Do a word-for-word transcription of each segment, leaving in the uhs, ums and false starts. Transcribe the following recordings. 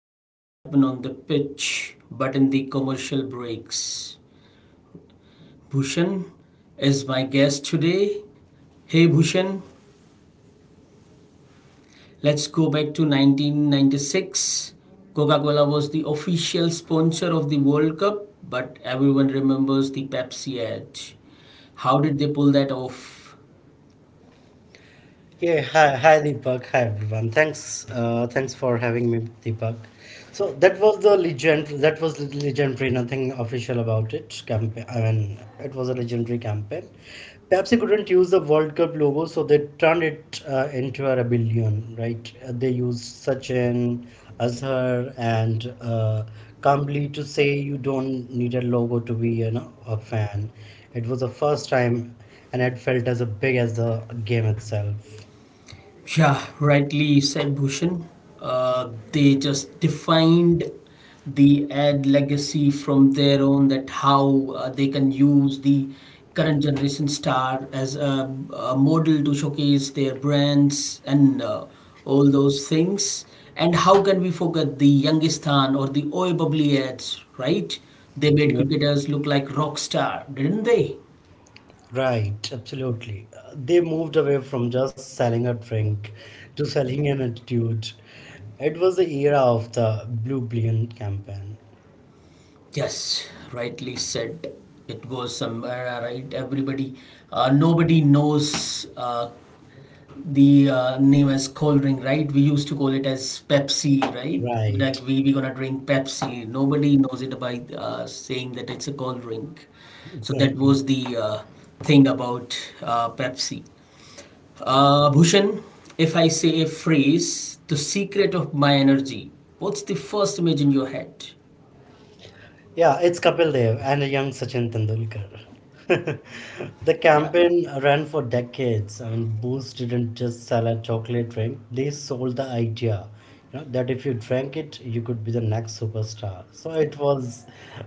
that didn't happen on the pitch but in the commercial breaks. Bhushan is my guest today. Hey Bhushan, let's go back to nineteen ninety-six. Coca Cola was the official sponsor of the World Cup, but everyone remembers the Pepsi ad. How did they pull that off? Yeah, hi, hi Deepak, hi everyone. Thanks, uh, thanks for having me, Deepak. So that was the legend. That was the legendary. Nothing official about it. Campaign. I mean, it was a legendary campaign. Perhaps they couldn't use the World Cup logo, so they turned it uh, into a rebellion. Right? Uh, They used Sachin, Azhar, and uh, Kambli to say you don't need a logo to be, you know, a fan. It was the first time, and it felt as big as the game itself. Yeah, rightly said Bhushan. Uh, they just defined the ad legacy from their own that how uh, they can use the current generation star as a, a model to showcase their brands and uh, all those things. And how can we forget the Youngistan or the Oi Bubbly ads, right? They made Yeah, cricketers look like rock star, didn't they? right, absolutely. Uh, They moved away from just selling a drink to selling an attitude. It was the era of the Blue Billion campaign. Yes, rightly said. It was somewhere, uh, right? Everybody, uh, nobody knows uh, the uh, name as cold drink, right? We used to call it as Pepsi, right? Like Right, we we gonna drink Pepsi. Nobody knows it by uh, saying that it's a cold drink. So that exactly. was the uh, thing about uh, Pepsi. Uh, Bhushan, if I say a phrase, the secret of my energy, what's the first image in your head? Yeah, it's Kapil Dev and a young Sachin Tendulkar. The Yeah. campaign ran for decades. I mean, Boost didn't just sell a chocolate drink; they sold the idea, you know, that if you drank it, you could be the next superstar. So it was,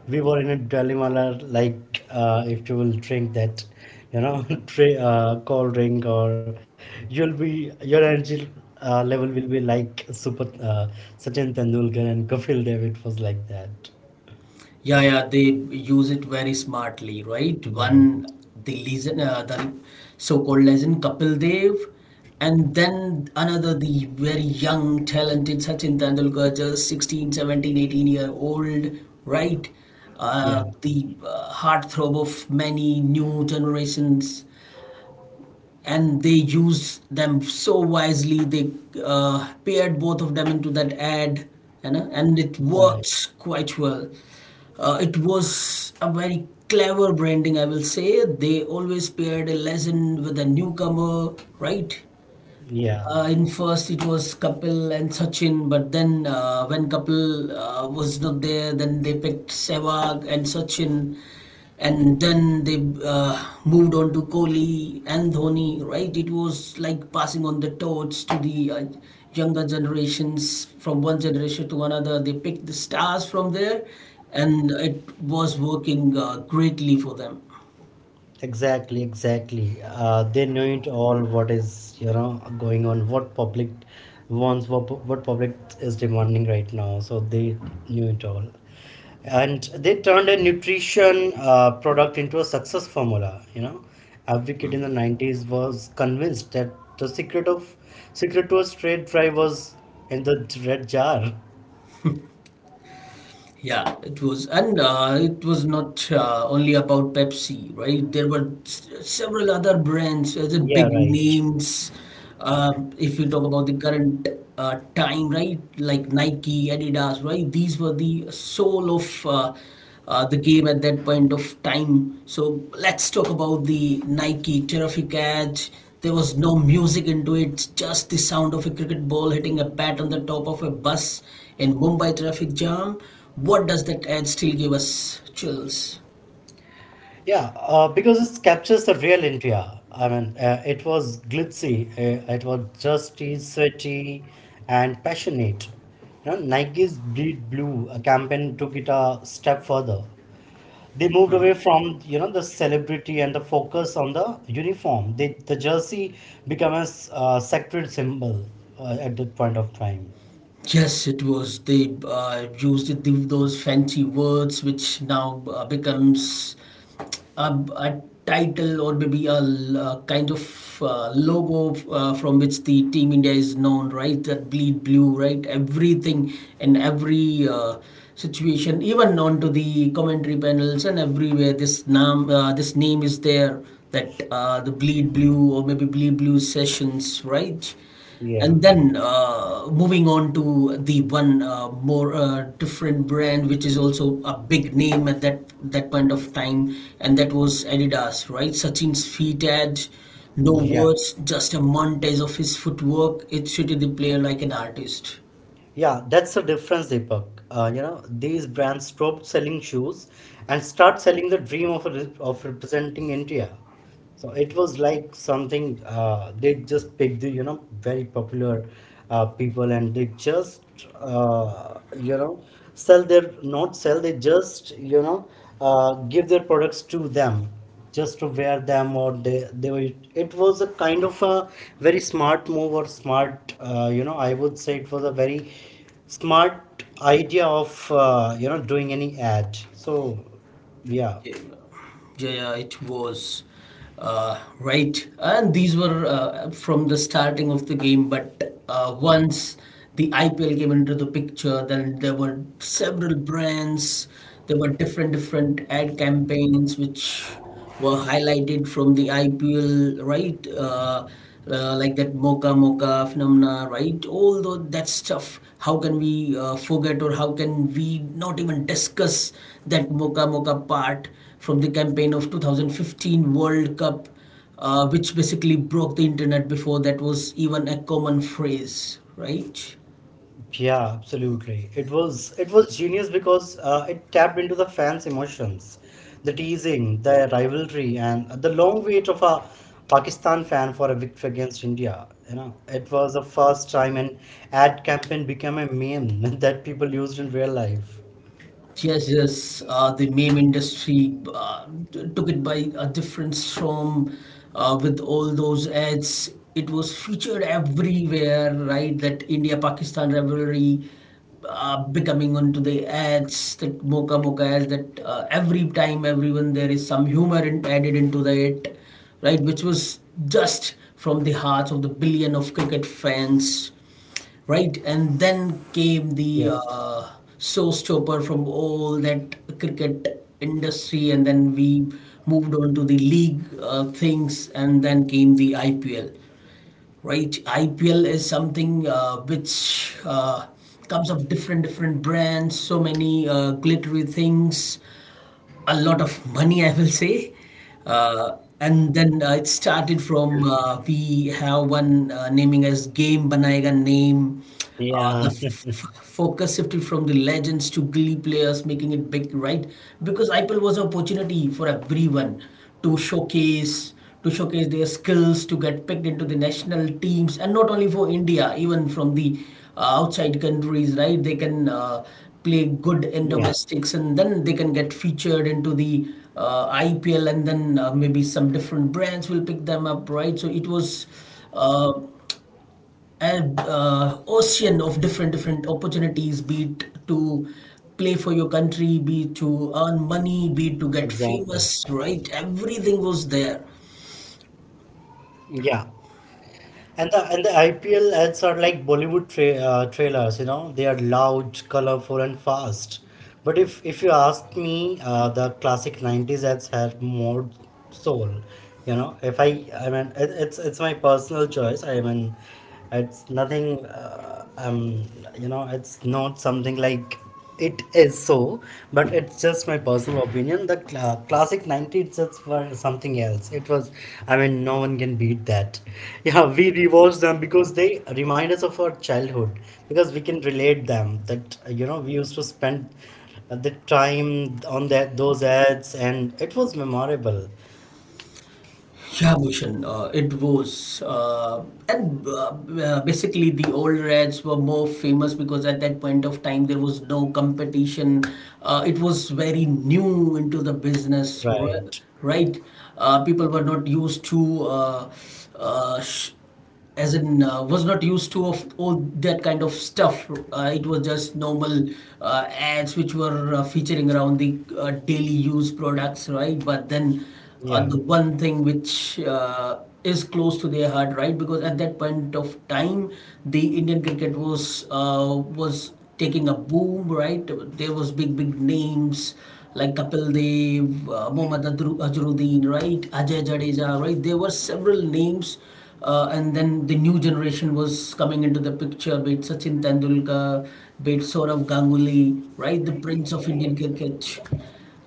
we were in a dilemma, la- like uh, if you will drink that, you know, tra- uh, cold drink, or you'll be your energy uh, level will be like Super uh, Sachin Tendulkar and Kapil Dev. It was like that. Yeah, yeah, they use it very smartly, right? Right. One, the legend, uh, the so-called legend Kapil Dev, and then another, the very young, talented Sachin Tendulkar, just sixteen, seventeen, eighteen year old, right? Yeah, Uh, the uh, Heartthrob of many new generations, and they used them so wisely. They uh, paired both of them into that ad, you know, and it right. works quite well. Uh, it was a very clever branding, I will say. They always paired a legend with a newcomer, right? Yeah, Uh, in first it was Kapil and Sachin, but then uh, when Kapil uh, was not there, then they picked Sehwag and Sachin, and then they uh, moved on to Kohli and Dhoni. Right? It was like passing on the torch to the uh, younger generations from one generation to another. They picked the stars from there, and it was working uh, greatly for them. exactly, exactly. Uh, they know it all. What is you know going on? What public wants? What pu- what public is demanding right now? So they knew it all, and they turned a nutrition uh, product into a success formula. You know, every kid in the nineties was convinced that the secret of secret to a straight fry was in the red jar. Yeah, it was, and uh, it was not uh, only about Pepsi, right? There were s- several other brands, as in Yeah, big right. names. Uh, if you talk about the current uh, time, right, like Nike, Adidas, right? These were the soul of uh, uh, the game at that point of time. So let's talk about the Nike Terrific Edge. There was no music into it, just the sound of a cricket ball hitting a bat on the top of a bus in Mumbai traffic jam. What does that ad still give us chills? Yeah, uh, because it captures the real India. I mean, uh, it was glitzy, uh, it was justy sweaty, and passionate. You know, Nike's Bleed Blue uh, campaign took it a step further. They moved away from you know the celebrity and the focus on the uniform. They, the jersey became a s- uh, sacred symbol uh, at that point of time. Yes, it was. They uh, used it, the- those fancy words, which now uh, becomes a, a title or maybe a, l- a kind of uh, logo f- uh, from which the team India is known, right? That bleed blue, right? Everything and every uh, situation, even onto the commentary panels, and everywhere this name uh, this name is there, that uh, the bleed blue or maybe bleed blue sessions, right? Yeah, And then uh, moving on to the one uh, more uh, different brand, which is also a big name at that that point of time, and that was Adidas, right? Sachin's feet edge, no yeah. words, just a montage of his footwork. It treated the player like an artist. Yeah, that's the difference, Deepak. Uh, you know, these brands stopped selling shoes and start selling the dream of re- of representing India. So it was like something uh, they just picked the you know very popular uh, people, and they just uh, you know sell their not sell they just you know uh, give their products to them just to wear them, or they, they were it was a kind of a very smart move or smart uh, you know, I would say it was a very smart idea of uh, you know doing any ad. So yeah, Yeah, yeah, it was uh, right, and these were uh, from the starting of the game. But uh, once the I P L came into the picture, then there were several brands, there were different different ad campaigns which were highlighted from the I P L, right? Uh, uh, like that Mocha Mocha phenomena, right? All tho- that stuff. How can we uh, forget or how can we not even discuss that Mocha Mocha part from the campaign of twenty fifteen World Cup, uh, which basically broke the internet before that was even a common phrase, right? yeah, absolutely. It was it was genius because uh, it tapped into the fans' emotions, the teasing, the rivalry, and the long wait of a Pakistan fan for a victory against India. You know, it was the first time an ad campaign became a meme that people used in real life. Yes, yes. Uh, the meme industry uh, t- took it by a different storm uh, with all those ads. It was featured everywhere, right? That India-Pakistan rivalry uh, becoming onto the ads, that mocha mocha ads, that uh, every time everyone there is some humor in, added into it, right? Which was just from the hearts of the billion of cricket fans, right? And then came the Yeah, uh, showstopper from all that cricket industry, and then we moved on to the league uh, things, and then came the I P L, right? I P L is something uh, which uh, comes of different different brands, so many uh, glittery things, a lot of money, I will say. Uh, and then uh, it started from uh, we have one uh, naming as Game Banayega Name. Uh, the yeah. f- f- focus shifted from the legends to glee players, making it big, right? Because I P L was an opportunity for everyone to showcase to showcase their skills to get picked into the national teams, and not only for India, even from the uh, outside countries, right? They can uh, play good in Yeah, domestics and then they can get featured into the uh, I P L, and then uh, maybe some different brands will pick them up, right? So it was uh, an uh, ocean of different different opportunities, be it to play for your country, be it to earn money, be it to get exactly. famous, right? Everything was there. Yeah. And the and the I P L ads are like Bollywood tra- uh, trailers, you know, they are loud, colorful, and fast. But if if you ask me, uh, the classic nineties ads have more soul. You know, if I I mean it, it's it's my personal choice. I mean, it's nothing, uh, um, you know, it's not something like it is so, but it's just my personal opinion. The cl- uh, classic nineties just were something else. It was, I mean, no one can beat that. Yeah, we rewatch them because they remind us of our childhood, because we can relate them that, uh, you know, we used to spend uh, the time on that those ads, and it was memorable. Yeah, Bhushan, uh, it was. Uh, and uh, uh, Basically, the old Reds were more famous because at that point of time, there was no competition. Uh, it was very new into the business, ri- Right. right? Uh, people were not used to uh, uh, sh- as in uh, was not used to of all that kind of stuff. Uh, it was just normal uh, ads which were uh, featuring around the uh, daily use products, right? But then uh, Yeah. the one thing which uh, is close to their heart, right? Because at that point of time the Indian cricket was uh, was taking a boom, right? There was big, big names like Kapil Dev, uh, Mohammad Adru- Azharuddin, right? Ajay Jadeja, right? There were several names, uh, and then the new generation was coming into the picture. Be it Sachin Tendulkar, be it Saurav Ganguly, right? The prince of Indian cricket.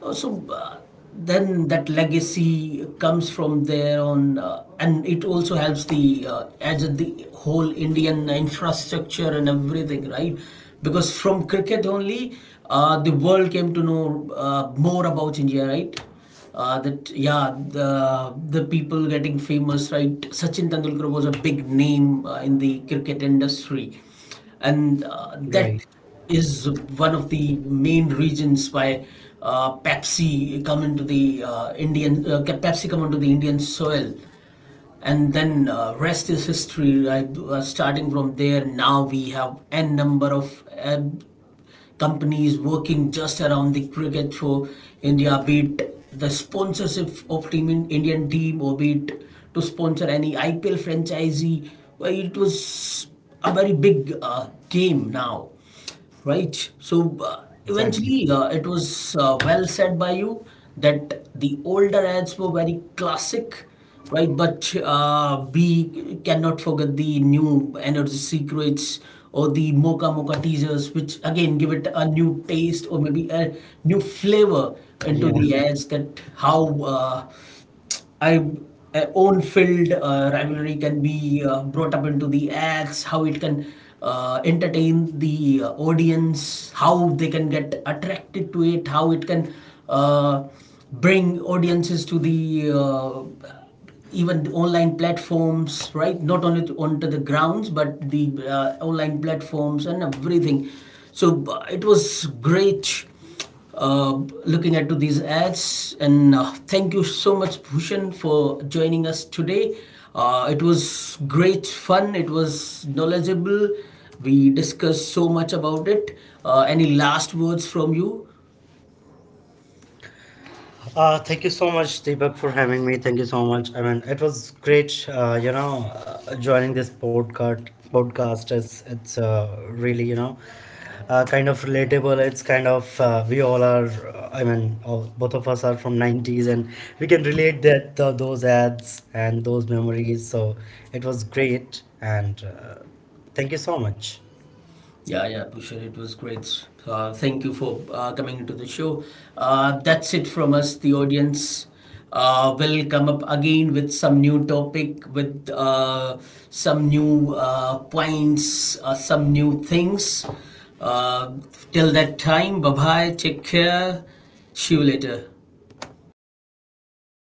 Uh, So uh, then that legacy comes from there on, uh, and it also helps the uh, as the whole Indian infrastructure and everything, right? Because from cricket only, uh, the world came to know uh, more about India, right? Uh, that yeah, the the people getting famous, right? Sachin Tendulkar was a big name uh, in the cricket industry, and uh, that Right. is one of the main reasons why uh, Pepsi come into the uh, Indian uh, Pepsi come into the Indian soil, and then uh, rest is history, right? Uh, starting from there, now we have n number of uh, companies working just around the cricket for India, be it the sponsorship of team in Indian team, or be it to sponsor any I P L franchisee. Well, it was a very big uh, game now, right? So uh, Exactly. eventually, uh, it was uh, well said by you that the older ads were very classic, right? But uh, we cannot forget the new energy secrets or the mocha mocha teasers, which again give it a new taste or maybe a new flavor into Yeah. the ads. That how uh, I uh, own filled uh, rivalry can be uh, brought up into the ads, how it can uh, entertain the uh, audience, how they can get attracted to it, how it can uh, bring audiences to the uh, even the online platforms, right? Not only to, onto the grounds, but the uh, online platforms and everything. So uh, it was great uh, looking at to these ads, and uh, thank you so much, Bhushan, for joining us today. Uh, it was great fun. It was knowledgeable. We discussed so much about it. Uh, any last words from you? Uh, thank you so much, Deepak, for having me. Thank you so much. I mean, it was great, uh, you know, uh, joining this podcast. Podcast is it's uh, really, you know, uh, kind of relatable. It's kind of uh, we all are. Uh, I mean, all, both of us are from nineties, and we can relate that uh, those ads and those memories. So it was great, and uh, thank you so much. Yeah, yeah, Bhushan, it was great. Uh, thank you for uh, coming into the show. Uh, that's it from us, the audience. Uh, will come up again with some new topic, with uh, some new uh, points, uh, some new things. Uh, Till that time, bye bye, take care, see you later.